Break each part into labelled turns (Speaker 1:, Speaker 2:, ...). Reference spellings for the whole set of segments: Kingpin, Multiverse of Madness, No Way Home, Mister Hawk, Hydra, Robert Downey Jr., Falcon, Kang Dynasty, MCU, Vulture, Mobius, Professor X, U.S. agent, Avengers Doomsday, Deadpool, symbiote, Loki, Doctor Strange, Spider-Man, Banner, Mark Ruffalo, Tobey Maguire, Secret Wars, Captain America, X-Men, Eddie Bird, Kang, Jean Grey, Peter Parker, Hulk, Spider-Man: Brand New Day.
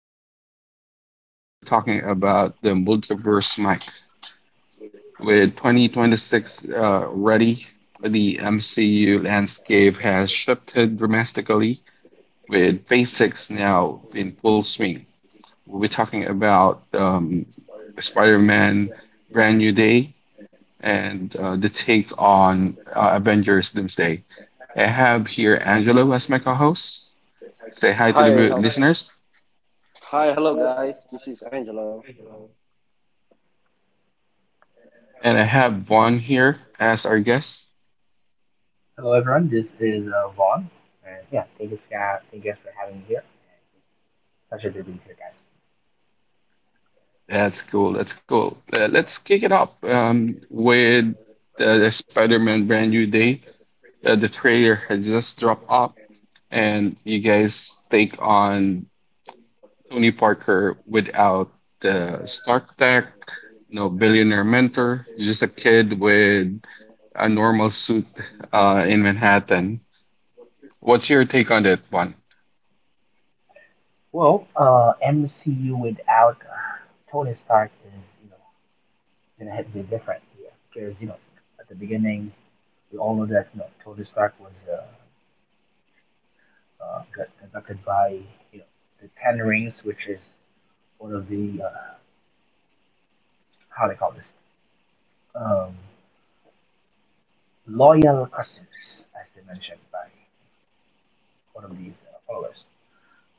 Speaker 1: today's podcast will be talking about the multiverse mic with 2026 ready. The MCU landscape has shifted dramatically, with Phase Six now in full swing. We'll be talking about Spider-Man: Brand New Day and the take on Avengers: Doomsday. I have here Angelo as my co-host. Say hi to
Speaker 2: Hi,
Speaker 1: the
Speaker 2: hel-
Speaker 1: listeners.
Speaker 2: Hi, hello guys. This is Angelo.
Speaker 1: And I have Vaughn here as our guest.
Speaker 3: Hello, everyone. This is Vaughn. And yeah, thank you, thank you guys for having me here. Pleasure to be here, guys.
Speaker 1: That's cool. That's cool. Let's kick it up with the Spider-Man Brand New Day. The trailer had just dropped up, and you guys take on Tony Parker without the Stark tech, no billionaire mentor, just a kid with a normal suit in Manhattan. What's your take on that one?
Speaker 3: Well, MCU without Tony Stark is, you know, gonna hit be different here because, you know, at the beginning we all know that you know Tony Stark was got conducted by you know the Ten Rings, which is one of the how they call this um, loyal customers, as they mentioned by one of these followers.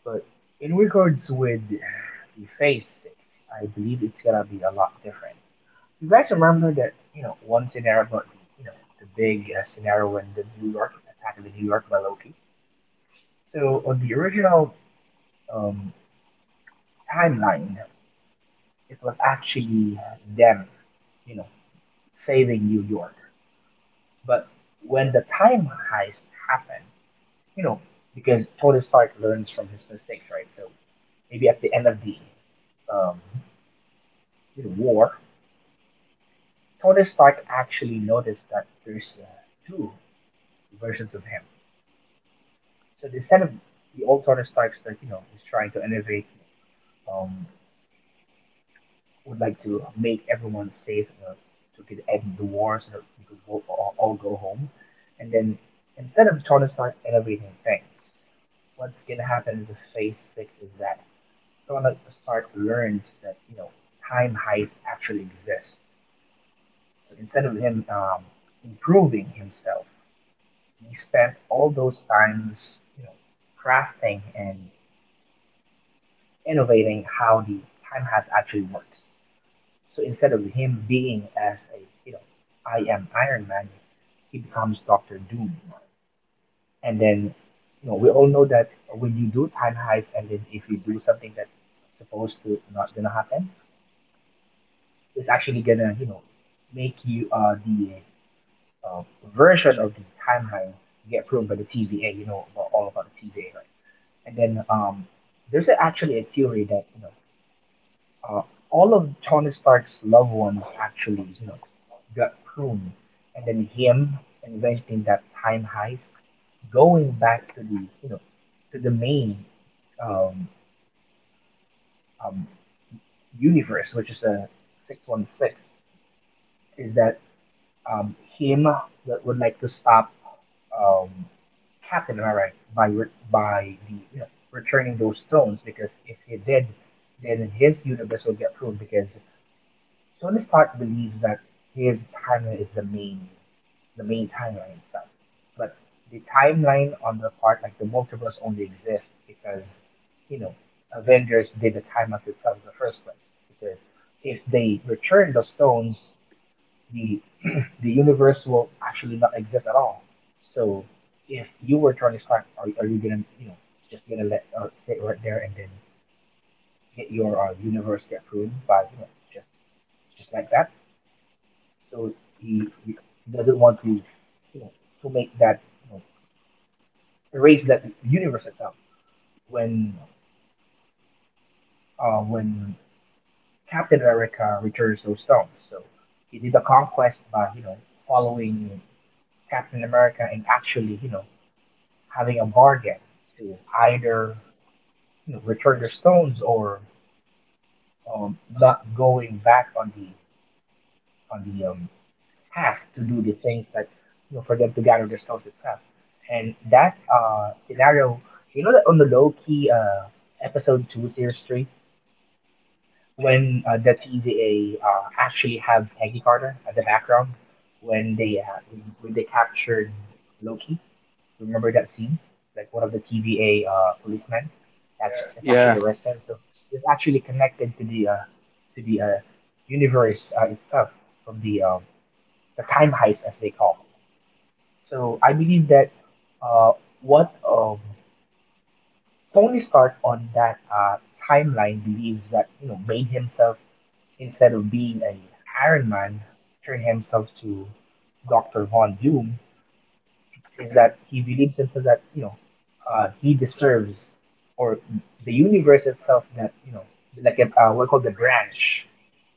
Speaker 3: But in regards with the Phase 6, I believe it's gonna be a lot different. You guys remember that, you know, one scenario about the, you know, the big scenario when the New York attack of the New York by Loki? So on the original um, timeline, it was actually them, you know, saving New York. But when the time heist happened, you know, because Tony Stark learns from his mistakes, right? So maybe at the end of the um, you know, war, Tony Stark actually noticed that there's two versions of him. So instead of the old Tony Stark that you know is trying to innovate, um, would like to make everyone safe, so we could end the war, so that we could go all go home. And then instead of Tony Stark innovating things, what's gonna happen in Phase Six is that Tony Stark learns that you know time heists actually exist. So instead of him improving himself he spent all those times you know, crafting and innovating how the time has actually works. So instead of him being as a, you know, I am Iron Man, he becomes Doctor Doom. And then, you know, we all know that when you do time heist and then if you do something that's supposed to not gonna happen, it's actually gonna, you know, make you the uh, version of the time heist get approved by the TVA. You know about all about the TVA, right? And then there's actually a theory that you know uh, all of Tony Stark's loved ones actually you know got pruned, and then him inventing that time heist, going back to the you know to the main um, um, universe, which is the 616, is that um, him that would like to stop um, Captain America by the you know returning those stones because if he did, then his universe will get pruned because Tony Stark believes that his timeline is the main timeline itself, but the timeline on the part like the multiverse only exists because you know Avengers did the time of itself in the first place because if they return the stones the the universe will actually not exist at all. So if you were Tony Stark, are you gonna you know just gonna let sit right there and then get your universe get ruined by you know just like that? So he doesn't want to you know to make that you know, erase that universe itself when when Captain America returns those stones. So he did the conquest by you know following Captain America and actually you know having a bargain to either you know, return their stones or not going back on the past to do the things that you know for them to gather their stones itself. And that scenario, you know, that on the low key episode 2, series 3, when the TVA actually have Peggy Carter at the background when they captured Loki. Remember that scene? Like one of the TVA policemen that's, yeah, that's actually
Speaker 1: Yeah.
Speaker 3: arrested. So it's actually connected to the universe itself from the time heist as they call. So I believe that uh, what Tony Stark on that timeline believes that you know made himself instead of being an Iron Man, turn himself to Doctor Von Doom is that he believes himself that you know he deserves or the universe itself that you know like we call the branch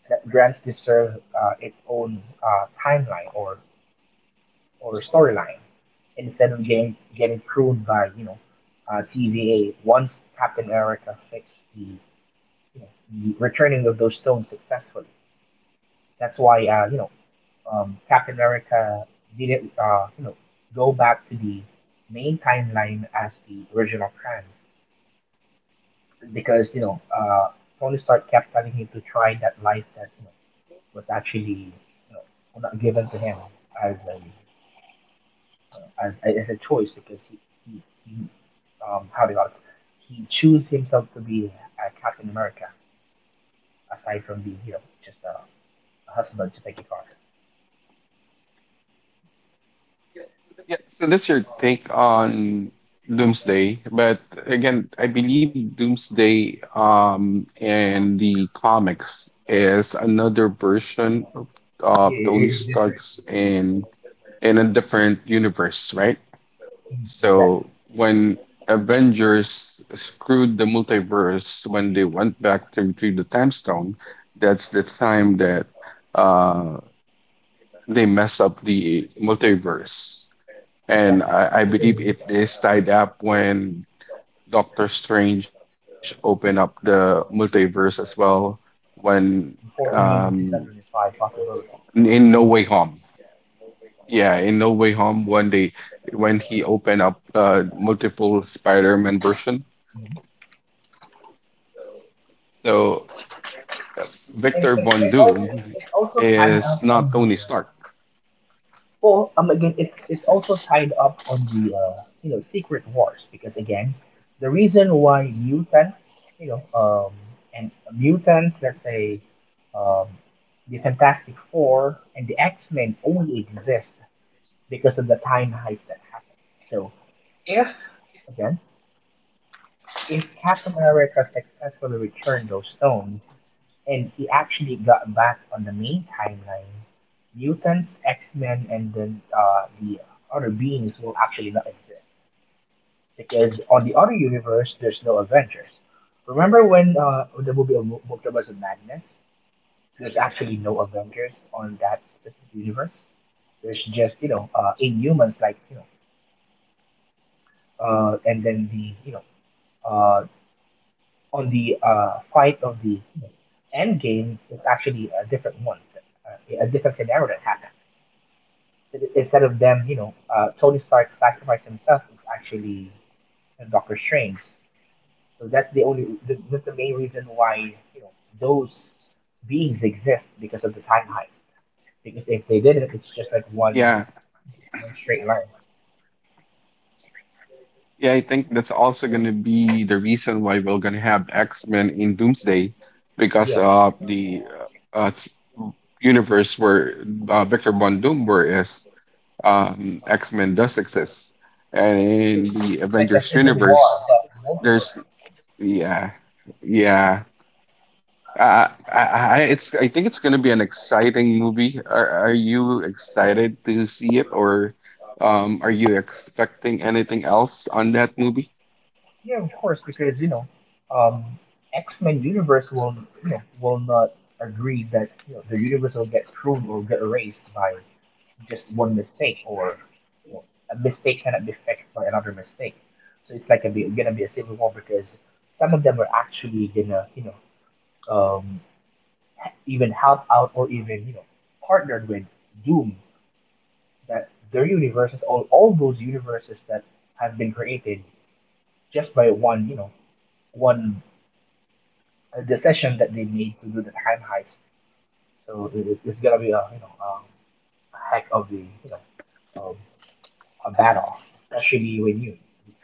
Speaker 3: that branch deserves its own timeline or storyline instead of getting pruned by you know TVA once Captain America fixed the you know the returning of those stones successfully. That's why you know Captain America didn't, you know, go back to the main timeline as the original plan because you know Tony Stark kept telling him to try that life that you know, was actually you know, not given to him as a as a choice because he, he how do you ask? He chose himself to be a Captain America aside from being you know just a husband to take a car.
Speaker 1: Yeah. So that's your take on Doomsday. But again, I believe Doomsday and the comics is another version of
Speaker 3: Yeah, it
Speaker 1: Tony
Speaker 3: is different.
Speaker 1: Stark's in a different universe, right?
Speaker 3: Exactly.
Speaker 1: So when Avengers screwed the multiverse when they went back to the time stone, that's the time that uh, they mess up the multiverse. And
Speaker 3: Exactly.
Speaker 1: I
Speaker 3: Because
Speaker 1: believe it is tied up when Doctor Strange opened up the multiverse as well when
Speaker 3: 14 million
Speaker 1: um
Speaker 3: 625 possibilities.
Speaker 1: in No Way Home. Yeah, in No Way Home when they when he opened up multiple Spider-Man version.
Speaker 3: Mm-hmm.
Speaker 1: So uh, Victor Von
Speaker 3: It also,
Speaker 1: Doom
Speaker 3: it's also tied
Speaker 1: is
Speaker 3: up
Speaker 1: not
Speaker 3: on the
Speaker 1: Tony
Speaker 3: uh,
Speaker 1: Stark.
Speaker 3: well again it's also tied up on the you know secret wars because again the reason why mutants you know and mutants let's say um the Fantastic Four and the X Men only exist because of the time heist that happened. So if again if Captain America successfully returned those stones. And he actually got back on the main timeline. Mutants, X-Men, and then the other beings will actually not exist because on the other universe there's no Avengers. Remember when the movie of Multiverse of Madness, there's actually no Avengers on that specific universe. There's just you know Inhumans like you know, and then the you know uh, on the fight of the you know, end game is actually a different one, a different scenario that happened. Instead of them, you know, Tony Stark sacrifice himself, it's actually Doctor Strange. So that's that's the main reason why you know those beings exist because of the time heist. Because if they didn't, it's just like
Speaker 1: Yeah.
Speaker 3: one straight line.
Speaker 1: Yeah, I think that's also going to be the reason why we're going to have X-Men in Doomsday because
Speaker 3: Yeah,
Speaker 1: the uh, uh, s- universe where Victor Von Doom were is X-Men does exist. And
Speaker 3: exactly.
Speaker 1: in
Speaker 3: So
Speaker 1: the
Speaker 3: it's like a
Speaker 1: Avengers
Speaker 3: civil war,
Speaker 1: universe,
Speaker 3: but
Speaker 1: there's
Speaker 3: multiversal.
Speaker 1: yeah, yeah. Uh, it's I think it's going to be an exciting movie. Are you excited to see it, or are you expecting anything else on that movie?
Speaker 3: Yeah, of course, because you know, um, X Men universe will you know will not agree that you know the universe will get pruned or get erased by just one mistake or you know, a mistake cannot be fixed by another mistake. So it's like gonna be a civil war because some of them are actually gonna you know um, even help out or even you know partnered with Doom that their universes all those universes that have been created just by one you know one decision that they made to do the time heist. So it's gonna be a you know a heck of the you know a battle, especially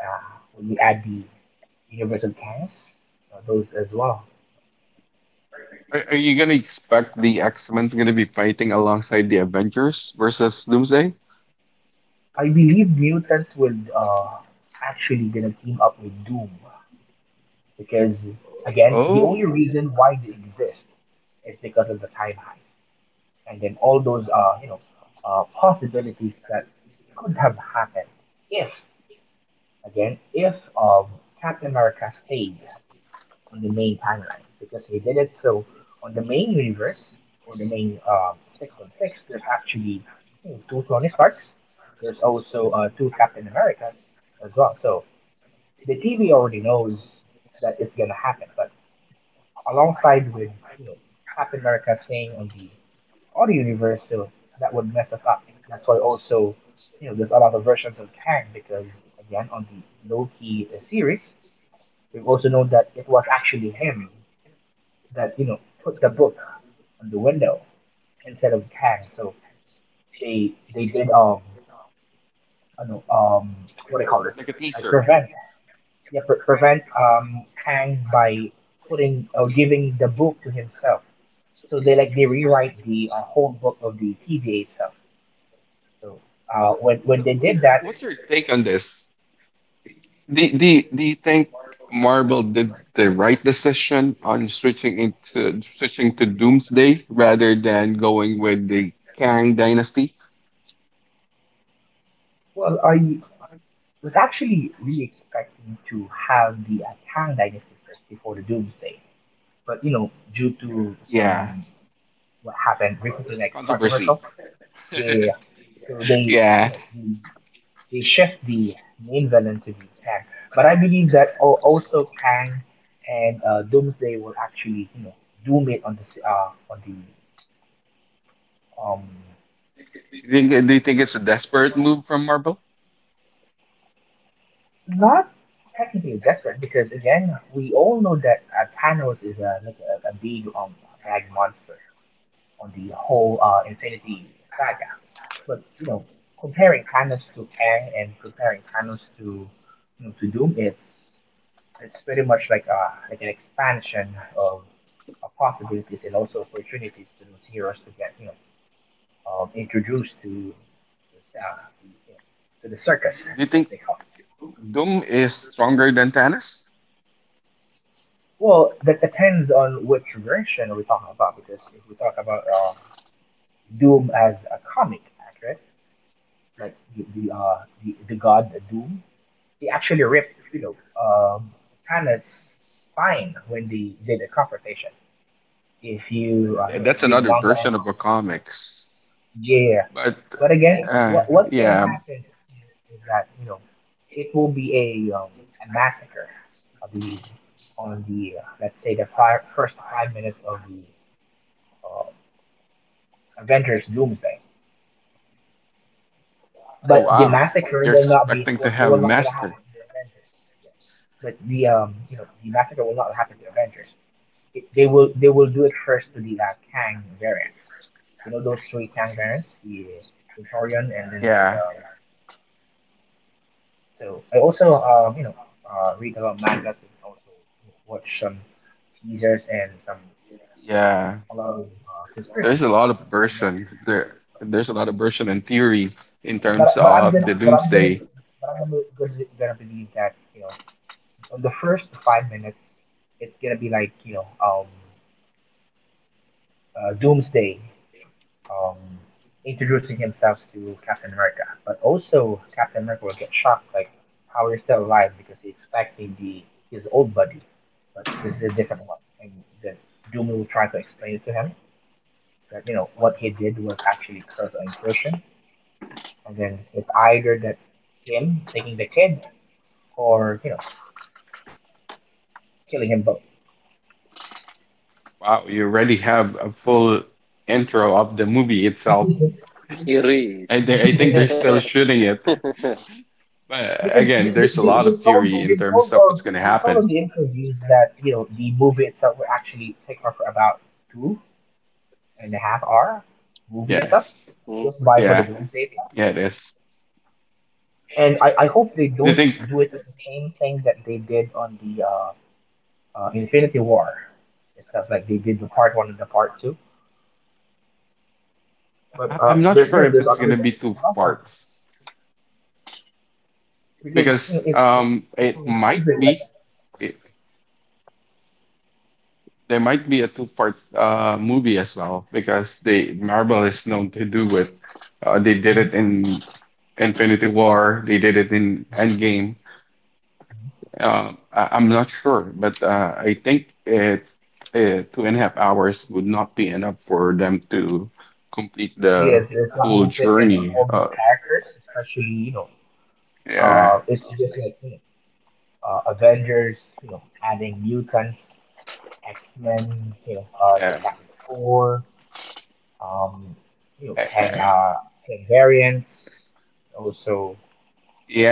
Speaker 3: uh, when we add the universal tanks, those as well.
Speaker 1: Are you gonna expect the X-Men's gonna be fighting alongside the Avengers versus Doomsday?
Speaker 3: I believe mutants will actually gonna team up with Doom because again, the
Speaker 1: Oh,
Speaker 3: only reason why they exist is because of the time heist, and then all those you know possibilities that could have happened if again if um, Captain America stayed on the main timeline because he did it. So on the main universe or the main 616, there's actually you know, two Tony Starks. There's also two Captain Americas as well. So the TV already knows that it's gonna happen, but alongside with you know Captain America staying on the other universe, so that would mess us up. That's why also you know there's a lot of versions of Kang because again on the Loki series, we've also known that it was actually him that you know put the book on the window instead of can. So they did I don't know what do you call this
Speaker 1: like a
Speaker 3: like
Speaker 1: teaser.
Speaker 3: prevent yeah prevent Kang by putting or giving the book to himself. So they like they rewrite the whole book of the TVA itself. So when
Speaker 1: So,
Speaker 3: they did that,
Speaker 1: what's your take on this? Do you think Marvel did the right decision on switching into switching to Doomsday rather than going with the Kang Dynasty?
Speaker 3: well I was actually really expecting to have the Kang dynasty first before the Doomsday, but you know due to
Speaker 1: Yeah,
Speaker 3: some what happened recently, like
Speaker 1: controversy.
Speaker 3: controversial. They so they you
Speaker 1: Yeah.
Speaker 3: know they, they shift the main villain to the Kang, but I believe that also Kang and Doomsday will actually doom it on the um
Speaker 1: Do you think it's a desperate move from Marvel?
Speaker 3: Not technically desperate because again we all know that Thanos is a like a big bad monster on the whole Infinity saga. But you know, comparing Thanos to Kang and comparing Thanos to to Doom, it's very much like a like an expansion of, possibilities and also opportunities for those heroes to get introduced to the circus
Speaker 1: Do you
Speaker 3: as
Speaker 1: think
Speaker 3: they call it.
Speaker 1: Doom is stronger than Thanos?
Speaker 3: Well, that depends on which version we're talking about because if we talk about Doom as a comic, accurate, like the god Doom. They actually ripped, Kana's spine when they did a confrontation. If you,
Speaker 1: That's
Speaker 3: read the
Speaker 1: another
Speaker 3: manga, and,
Speaker 1: version of a comics.
Speaker 3: yeah.
Speaker 1: But
Speaker 3: But again,
Speaker 1: uh,
Speaker 3: what's gonna
Speaker 1: yeah.
Speaker 3: happen here is that it will be a massacre, I believe, on the let's say first 5 minutes of the uh, Avengers Doomsday.
Speaker 1: Oh
Speaker 3: But the
Speaker 1: wow.
Speaker 3: massacre
Speaker 1: You're
Speaker 3: will not be
Speaker 1: expecting to
Speaker 3: what
Speaker 1: have a
Speaker 3: will not gonna
Speaker 1: massacre.
Speaker 3: happen to the Avengers. Yeah. But the you know the massacre will not happen to Avengers. They will do it first to the Kang variants. You know those three Kang variants, the Victorian, and then the.
Speaker 1: Yeah.
Speaker 3: So I also read a lot of mangas and also watch some teasers and some
Speaker 1: Yeah.
Speaker 3: a lot of conspiracy
Speaker 1: There's a lot of
Speaker 3: on.
Speaker 1: version. There's a lot of version and theory in terms
Speaker 3: But I'm
Speaker 1: of
Speaker 3: gonna,
Speaker 1: the doomsday.
Speaker 3: gonna believe that on the first 5 minutes it's gonna be doomsday, um, introducing himself to Captain America. But also, Captain America will get shocked, like how he's still alive because he's expecting the his old buddy, but this is a different one. And then Doom will try to explain it to him that what he did was actually curse or incursion, and then it's either that him taking the kid or killing him both.
Speaker 1: Wow, you already have a full intro of the movie itself.
Speaker 2: It is.
Speaker 1: I think
Speaker 3: Yeah,
Speaker 1: they're still shooting it. But
Speaker 3: because
Speaker 1: again, there's a lot of theory in terms of what's gonna
Speaker 3: they told
Speaker 1: happen.
Speaker 3: on the interviews that the movie itself will actually take off for about 2.5 hour movie
Speaker 1: Yeah.
Speaker 3: itself,
Speaker 2: Hmm.
Speaker 3: just by
Speaker 2: Mhm.
Speaker 3: for the
Speaker 1: Yeah.
Speaker 3: doomsday clock.
Speaker 1: Yeah, it is.
Speaker 3: And I hope they
Speaker 1: Do you
Speaker 3: don't
Speaker 1: think
Speaker 3: do it with the same thing that they did on the Infinity War itself, like they did the part 1 and the part 2. But
Speaker 1: I'm not sure if it's gonna be
Speaker 3: there's a
Speaker 1: two
Speaker 3: lot of,
Speaker 1: parts
Speaker 3: because
Speaker 1: because
Speaker 3: it's it's, it's
Speaker 1: it
Speaker 3: a
Speaker 1: might
Speaker 3: hundred like.
Speaker 1: be it, there might be a two part movie as well because they Marvel is known to do it. They did
Speaker 3: Mhm.
Speaker 1: it in Infinity War. They did it in Endgame. I, I'm not sure, but I think 2.5 hours would not be enough for them to complete the
Speaker 3: Yes, it's not going
Speaker 1: whole
Speaker 3: to fit in on
Speaker 1: journey.
Speaker 3: all those characters, especially, you know.
Speaker 1: Yeah,
Speaker 3: It's just like Avengers, adding mutants, X Men, the
Speaker 1: yeah.
Speaker 3: Fantastic Four, um,
Speaker 1: yeah,
Speaker 3: Kang,
Speaker 1: yeah.
Speaker 3: Kang variants, also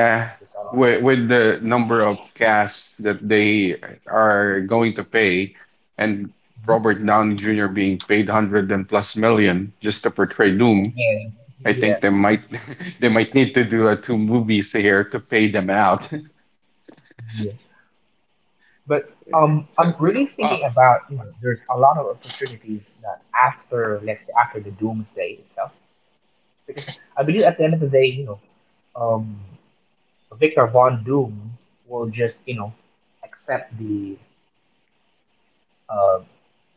Speaker 3: there's a lot.
Speaker 1: with the number of casts that they are going to pay, and
Speaker 3: Mhm.
Speaker 1: Robert Downey Jr. being paid hundred and plus million just to portray Doom,
Speaker 3: Again,
Speaker 1: I
Speaker 3: yeah,
Speaker 1: think they might they might need to do two movies here to pay them out.
Speaker 3: yeah. But
Speaker 1: So
Speaker 3: I'm really
Speaker 1: so
Speaker 3: thinking
Speaker 1: uh
Speaker 3: about, you know, there's a lot of opportunities that after, let's say, after the Doomsday itself, because I believe at the end of the day, um. Victor Von Doom will just, you know, accept these, uh,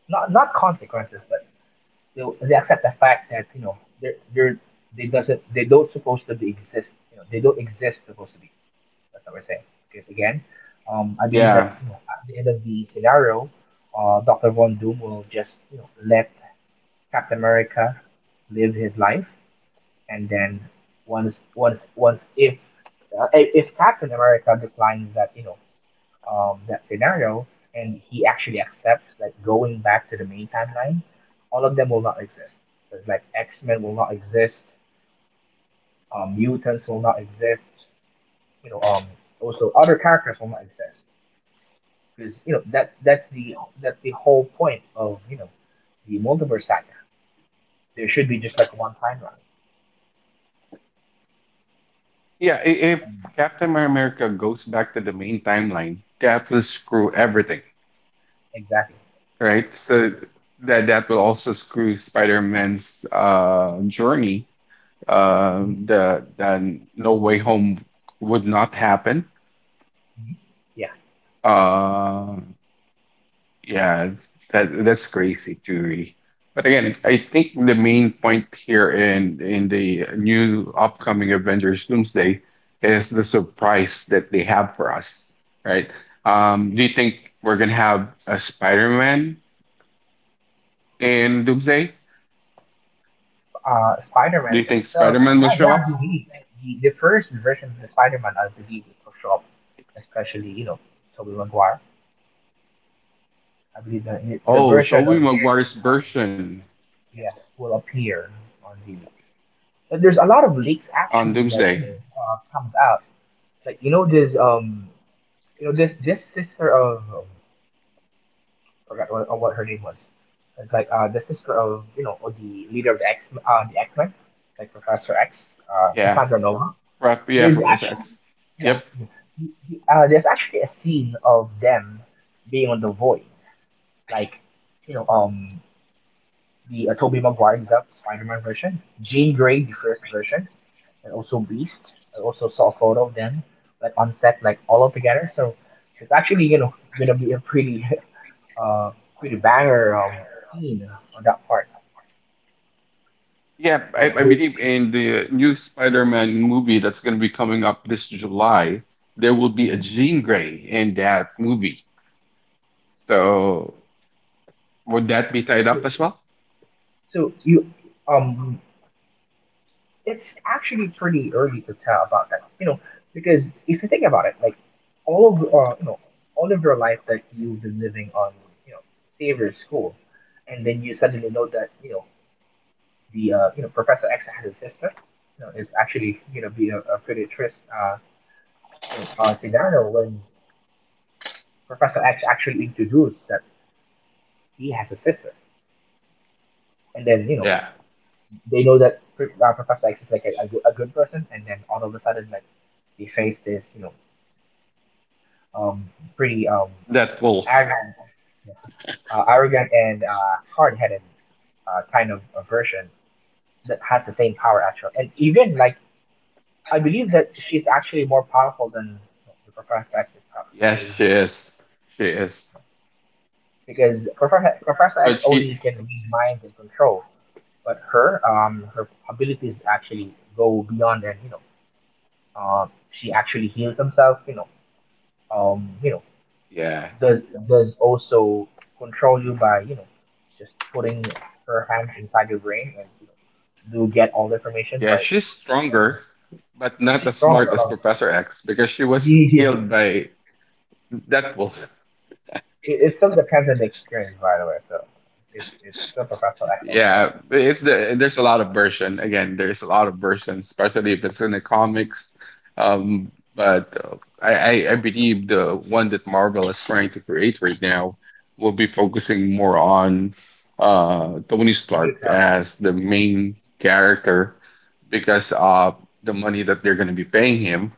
Speaker 3: not consequences, but they'll, they accept the fact that they're they doesn't they don't supposed to be exist. You know, they don't exist supposed to be. That's what we're saying. Because again, I believe that
Speaker 1: yeah
Speaker 3: at the end of the scenario, Doctor Von Doom will just, you know, let Captain America live his life, and then once if if Captain America declines that that scenario, and he actually accepts like going back to the main timeline, all of them will not exist. So it's like X Men will not exist, mutants will not exist, you know, um, also other characters will not exist because that's the whole point of the multiverse saga. There should be just like one timeline.
Speaker 1: if
Speaker 3: Um,
Speaker 1: Captain America goes back to the main timeline, that will screw everything,
Speaker 3: exactly.
Speaker 1: right? So that that will also screw Spider-Man's journey uh,
Speaker 3: Mhm,
Speaker 1: the the No Way Home would not happen.
Speaker 3: mhm.
Speaker 1: Uh, yeah, that that's crazy theory. But again, I think the main point here in the new upcoming Avengers Doomsday is the surprise that they have for us, right? Do you think we're gonna have a Spider-Man in Doomsday? Do
Speaker 3: Spider-Man
Speaker 1: you think
Speaker 3: itself,
Speaker 1: Spider-Man will
Speaker 3: yeah,
Speaker 1: show
Speaker 3: yeah, I
Speaker 1: up?
Speaker 3: believe like, the first version of the Spider-Man, I believe, was Photoshop, especially Tobey Maguire. I believe the
Speaker 1: Oh,
Speaker 3: version
Speaker 1: Tobey
Speaker 3: of
Speaker 1: Maguire's
Speaker 3: his Spider-Man,
Speaker 1: version
Speaker 3: yeah, will appear on the. But there's a lot of leaks
Speaker 1: on
Speaker 3: actually that
Speaker 1: Doomsday.
Speaker 3: comes out. Like this sister of forgot what her name was. It's like the sister of or the leader of the X, the X Men, like Professor X,
Speaker 1: Yeah.
Speaker 3: Cassandra Nova.
Speaker 1: Yeah,
Speaker 3: There's
Speaker 1: Professor
Speaker 3: actually,
Speaker 1: X.
Speaker 3: yeah,
Speaker 1: Yep.
Speaker 3: yeah. There's actually a scene of them being on the void. Like, you know, um, the Tobey Maguire example, Spider-Man version, Jean Grey, the first version, and also Beast. I also saw a photo of them, like on set, like all of together. So it's actually, you know, gonna be a pretty, uh, pretty banger scene on that part.
Speaker 1: Yeah, I,
Speaker 3: Like,
Speaker 1: I
Speaker 3: they,
Speaker 1: believe in the new Spider-Man movie that's going to be coming up this July, there will be a Jean Grey in that movie. So would that be tied
Speaker 3: so,
Speaker 1: up as well?
Speaker 3: so you, um, it's actually pretty early to tell about that. You know, because if you think about it, like all of all of your life that you've been living on, you know, Xavier's school, and then you suddenly know that you know the you know Professor X has a sister. You know, it's actually, you know, be a pretty trist scenario when Professor X actually introduced that he has a sister, and then
Speaker 1: Yeah,
Speaker 3: they know that Professor X is like a, a good person, and then all of a sudden, like, they face this um, pretty
Speaker 1: that will.
Speaker 3: arrogant, yeah, arrogant and hard-headed kind of a version that has the same power actually. And even like I believe that she's actually more powerful than the Professor X itself,
Speaker 1: Yes, she is. She is.
Speaker 3: because Professor X
Speaker 1: But she,
Speaker 3: only can read minds and control, but her her abilities actually go beyond, and she actually heals herself, um you know
Speaker 1: yeah,
Speaker 3: does also control you by, you know, just putting her hands inside your brain and, you know, do get all the information.
Speaker 1: yeah,
Speaker 3: But
Speaker 1: she's
Speaker 3: no, no,
Speaker 1: stronger, but not
Speaker 3: she's
Speaker 1: as
Speaker 3: stronger,
Speaker 1: smart
Speaker 3: a
Speaker 1: as
Speaker 3: lot stronger.
Speaker 1: Professor X because she was
Speaker 3: Yeah, yeah.
Speaker 1: killed by Deadpool.
Speaker 3: It still depends on the experience, by the way, so it's still professional act all the way.
Speaker 1: Yeah, it's the there's a lot of version. Again, there's a lot of version, especially if it's in the comics. But I, I believe the one that Marvel is trying to create right now will be focusing more on Tony
Speaker 3: You
Speaker 1: Stark
Speaker 3: can
Speaker 1: as the
Speaker 3: you,
Speaker 1: main character because the money that they're going to be paying him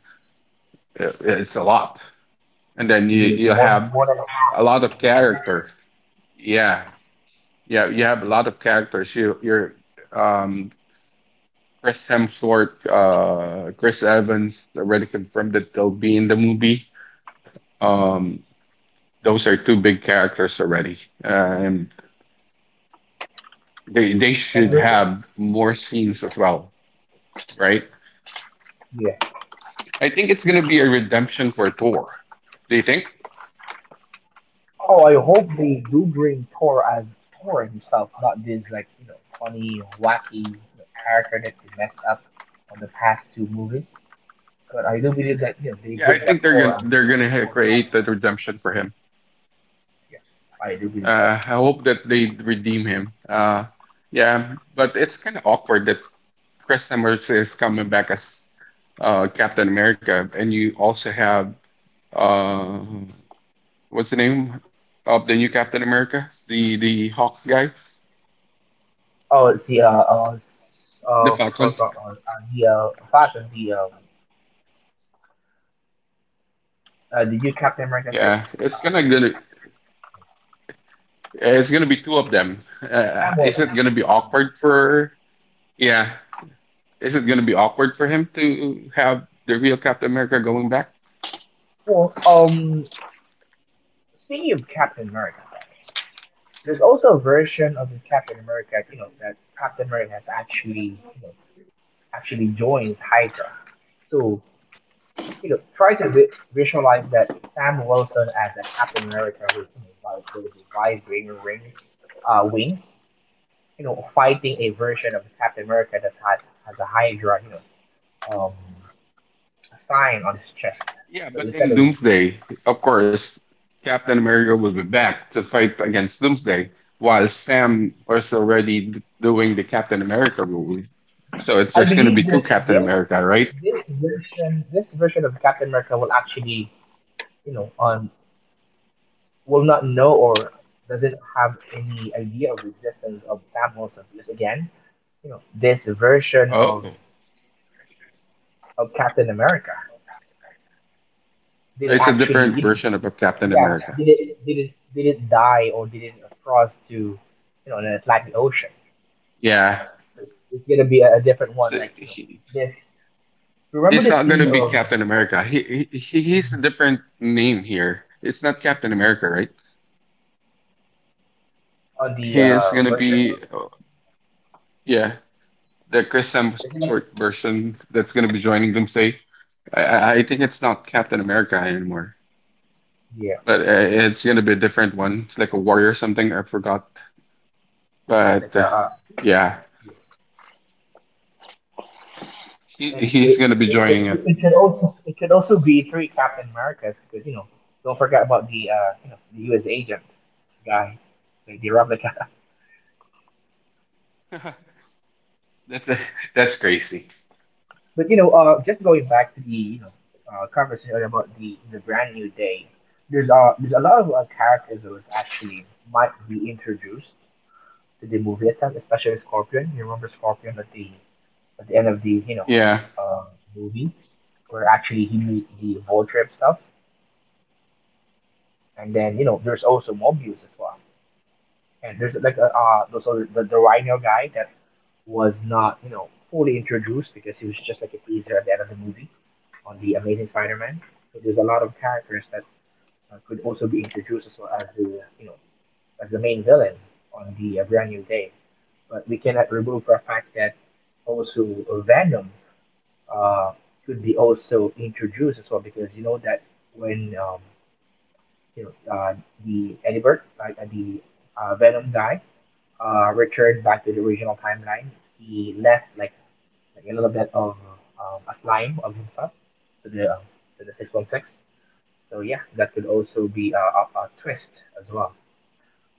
Speaker 1: it's a lot, and then
Speaker 3: you
Speaker 1: you
Speaker 3: be like
Speaker 1: you
Speaker 3: more than
Speaker 1: have
Speaker 3: half
Speaker 1: a lot
Speaker 3: of
Speaker 1: of
Speaker 3: the production.
Speaker 1: characters. Yeah, yeah, you have a lot of characters. You you're um Chris Hemsworth, Chris Evans already confirmed that they'll be in the movie. Um, those are two big characters already, and they
Speaker 3: And
Speaker 1: should
Speaker 3: you-
Speaker 1: have more scenes as well, right?
Speaker 3: yeah.
Speaker 1: I think it's gonna be a redemption for Thor. Do you think?
Speaker 3: Oh, I hope they do bring Thor as Thor himself, not this like, you know, funny, wacky, you know, character that they messed up on the past two movies. But I do believe that, you know, they
Speaker 1: Yeah, I
Speaker 3: bring that
Speaker 1: think they're
Speaker 3: Thor
Speaker 1: gonna
Speaker 3: as a,
Speaker 1: they're
Speaker 3: like a
Speaker 1: gonna ha-
Speaker 3: Thor
Speaker 1: create that
Speaker 3: Ragnarok.
Speaker 1: redemption for him.
Speaker 3: Yeah, I do believe so.
Speaker 1: I hope that they redeem him. Yeah, but it's kind of awkward that Chris Hemsworth is coming back as Captain America, and you also have uh what's the name of the new Captain America? The Hawk guy,
Speaker 3: Oh, see,
Speaker 1: the Falcon.
Speaker 3: forgot, the fact that the new Captain America is like
Speaker 1: Yeah, it's
Speaker 3: um
Speaker 1: gonna gonna it's gonna be two of them.
Speaker 3: Sam
Speaker 1: Is
Speaker 3: Wilson.
Speaker 1: it gonna be
Speaker 3: Sam.
Speaker 1: awkward for? Yeah, is it gonna be awkward for him to have the real Captain America going back?
Speaker 3: Well, speaking of Captain America. There's also a version of the Captain America, you know, that Captain America has actually, you know, actually joins Hydra. So, you know, try to visualize that Sam Wilson as a Captain America with, you know, like those vibrating rings, wings, you know, fighting a version of Captain America that had has a Hydra, you know, um, a sign on his chest.
Speaker 1: Yeah,
Speaker 3: So
Speaker 1: but
Speaker 3: instead of,
Speaker 1: in Doomsday, of course, Captain America will be back to fight against Doomsday, while Sam is already doing the Captain America role. So it's
Speaker 3: I
Speaker 1: there's gonna be
Speaker 3: believe
Speaker 1: two
Speaker 3: that
Speaker 1: Captain America, right?
Speaker 3: this version of Captain America will actually, you know, will not know or doesn't have any idea of the existence of Sam Wilson, because again, you know, this version
Speaker 1: Oh,
Speaker 3: of
Speaker 1: so
Speaker 3: Captain America didn't
Speaker 1: it's a
Speaker 3: actually,
Speaker 1: different
Speaker 3: you know,
Speaker 1: version of a Captain
Speaker 3: yeah,
Speaker 1: America.
Speaker 3: didn't die or didn't cross to, you know, an Atlantic Ocean.
Speaker 1: Yeah,
Speaker 3: So it's gonna be a different one,
Speaker 1: so
Speaker 3: like, you know,
Speaker 1: he,
Speaker 3: this. Remember
Speaker 1: he's
Speaker 3: the
Speaker 1: not going
Speaker 3: scene
Speaker 1: to be
Speaker 3: of
Speaker 1: Captain America. He's a different name here. It's not Captain America, right?
Speaker 3: on the
Speaker 1: He is going to
Speaker 3: version
Speaker 1: be
Speaker 3: of,
Speaker 1: oh, yeah the Chris
Speaker 3: isn't
Speaker 1: Hemsworth
Speaker 3: it?
Speaker 1: version that's going to be joining Doomsday. I think it's not Captain America anymore,
Speaker 3: Yeah,
Speaker 1: but it's going to be a different one. It's like a warrior or something. I forgot, but
Speaker 3: like
Speaker 1: yeah,
Speaker 3: yeah.
Speaker 1: he
Speaker 3: And it,
Speaker 1: he's going to be joining it.
Speaker 3: it could also, be three Captain Americas, because, you know, don't forget about the the U.S. agent guy, like the replica.
Speaker 1: That's a, that's crazy.
Speaker 3: But, you know, just going back to the, you know, conversation earlier about the brand new day. There's, there's a lot of characters that was actually might be introduced to the movie itself, especially Scorpion. You remember Scorpion at the, at the end of the, you know,
Speaker 1: Yeah.
Speaker 3: uh, movie where actually he meet the vulture himself, and then, you know, there's also Mobius as well, and there's like a, the rhino guy that was not, you know, fully introduced because he was just like a teaser at the end of the movie on the Amazing Spider-Man. So there's a lot of characters that could also be introduced as well as the, you know, as the main villain on the Brand New Day. But we cannot remove the fact that also Venom, uh, could be also introduced as well, because, you know, that when you know, the Eddie Bird, like, the Venom guy, returned back to the original timeline, he left like a little bit of a slime of himself to the, to the 616. So yeah, that could also be a twist as well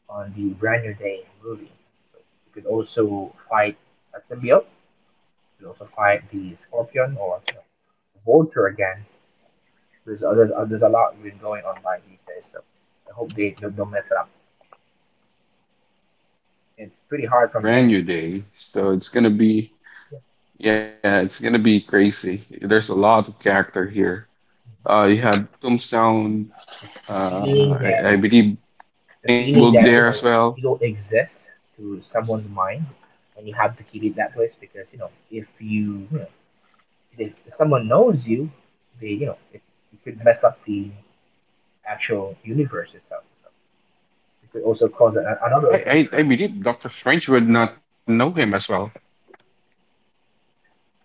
Speaker 3: on the Brand New Day movie. So you could also fight a symbiote. You could also fight the Scorpion or, you know, Vulture again. There's other there's a lot been going on by these days. So I hope they don't mess it up.
Speaker 1: Doctor Strange
Speaker 3: It's
Speaker 1: will
Speaker 3: pretty
Speaker 1: be in the
Speaker 3: hard from
Speaker 1: brand
Speaker 3: him.
Speaker 1: new day, so it's gonna be
Speaker 3: Yeah.
Speaker 1: yeah, it's gonna be crazy. There's a lot of character
Speaker 3: Yeah.
Speaker 1: here. You
Speaker 3: Mm-hmm.
Speaker 1: have Tombstone.
Speaker 3: The
Speaker 1: Uh, I,
Speaker 3: feeling
Speaker 1: I
Speaker 3: that
Speaker 1: believe Kingpin will
Speaker 3: the
Speaker 1: be there
Speaker 3: feeling
Speaker 1: as
Speaker 3: that, you
Speaker 1: well.
Speaker 3: know, you don't exist to someone's mind, and you have to keep it that way because, you know, if someone knows you, they, you know, it could mess up the actual universe itself, so it could also cause a,
Speaker 1: I,
Speaker 3: another
Speaker 1: I I
Speaker 3: concern.
Speaker 1: believe Doctor Strange would not know him as well.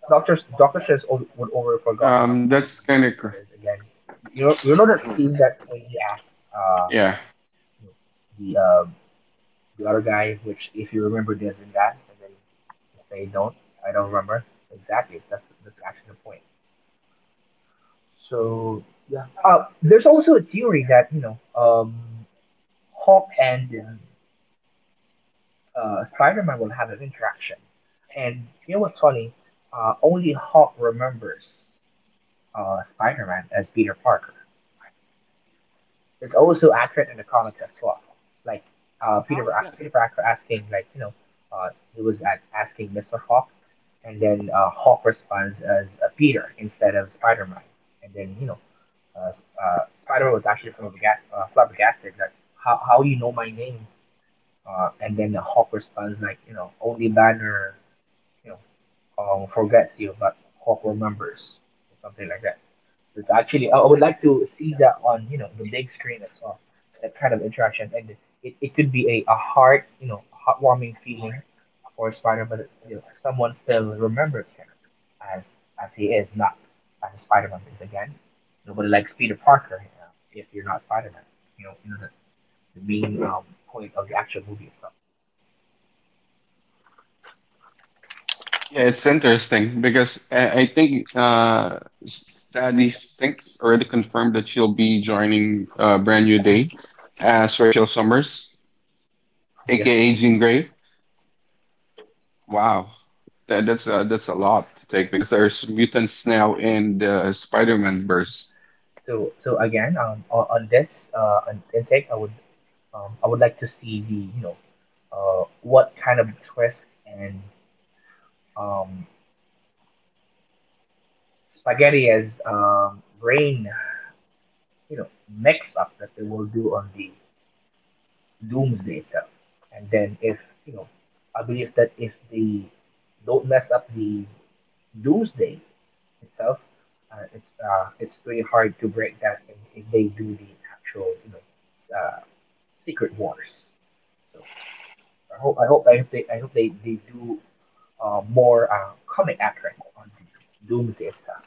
Speaker 3: Doctor says would over forgot him
Speaker 1: That's
Speaker 3: about
Speaker 1: kind of
Speaker 3: me, because again, you know, that scene that when he asked
Speaker 1: yeah.
Speaker 3: you know, the um the other guy, which if you remember this and that, and then say don't, I don't remember exactly. That's actually the point. So yeah. There's also a theory that, you know, Hulk and Spider-Man will have an interaction, and you know what's funny? Only Hulk remembers Spider-Man as Peter Parker. It's also accurate in the comics as well. Like
Speaker 1: How is
Speaker 3: uh,
Speaker 1: that?
Speaker 3: Peter Peter Parker asking, like, you know, he was at asking Mister Hawk, and then Hawk responds as Peter instead of Spider Man, and then, you know, Spider Man was actually from a flabbergasted, like how you know my name, and then the Hawk responds like, you know, only Banner, you know, forgets you, but Hawk remembers, or something like that. It's actually, I would like to see that on, you know, the big screen as well. That kind of interaction, and it could be a heart, you know, heartwarming feeling for Spider, but, you know, someone still remembers him as as he is, not as Spider-Man. Because again, nobody likes Peter Parker if you're not Spider-Man. You know the main point of the actual movie itself.
Speaker 1: Yeah, it's interesting because I think Study 6 already confirmed that she'll be joining Brand New
Speaker 3: Mhm.
Speaker 1: Day as Rachel Summers,
Speaker 3: Yeah.
Speaker 1: aka Jean Grey. Wow, that, that's a lot to take because there's mutants now in the Spider-Man verse.
Speaker 3: So again, on this on intake, I would like to see the, you know, what kind of twist and um, spaghetti as brain, you know, mixed up that they will do on the Doomsday itself. And then if, you know, I believe that if they don't mess up the Doomsday itself, it's pretty hard to break that if they do the actual, you know, uh, Secret Wars. So I hope I hope I hope they do more comic accurate on Doomsday stuff.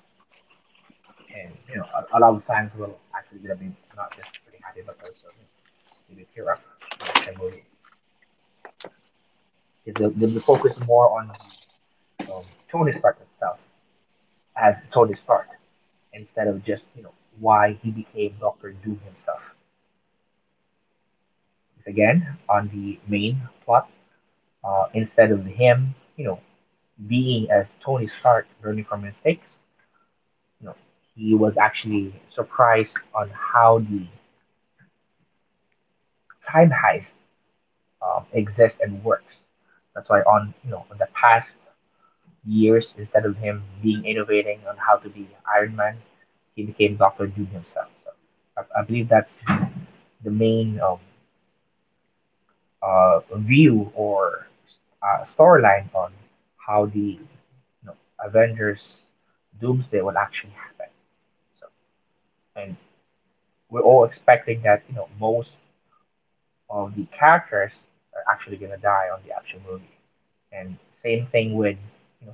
Speaker 3: And, you know, a lot of fans will actually gonna be not just pretty happy, but also maybe tear up the action movie. They'll be focused more on the
Speaker 1: Oh
Speaker 3: um,
Speaker 1: wow,
Speaker 3: Tony Stark stuff
Speaker 1: Mark Ruffalo
Speaker 3: as
Speaker 1: confirmed as
Speaker 3: Tony
Speaker 1: well
Speaker 3: Stark,
Speaker 1: that he is
Speaker 3: instead
Speaker 1: joining the
Speaker 3: of just,
Speaker 1: Brand New
Speaker 3: you know,
Speaker 1: Day. So
Speaker 3: why
Speaker 1: that
Speaker 3: he
Speaker 1: means that
Speaker 3: became
Speaker 1: there's a Hulk.
Speaker 3: Doctor Doom himself. It's again on the main plot.
Speaker 1: Got it. And
Speaker 3: Instead of him, you know, being as Tony Stark learning from mistakes, you know, he was actually surprised on how the time heist exists and works. That's why on, you know, in the
Speaker 1: what's
Speaker 3: past
Speaker 1: your last take on
Speaker 3: years, instead of
Speaker 1: the
Speaker 3: him being innovating on how to be Iron Man, he became Doctor Doom himself. So I believe that's the main view or storyline on how the, you know, Avengers Doomsday will actually happen. So and we're all expecting that, you know, most of the characters are actually gonna die on the actual movie. And same thing with, you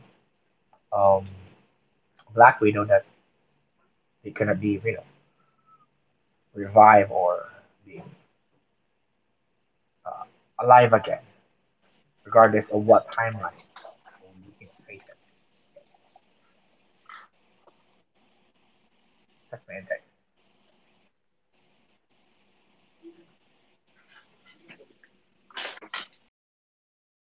Speaker 3: know, um, Black Widow, that they cannot be, you know, revived or be alive again, regardless of what timeline we, you know, face it. That's my insight.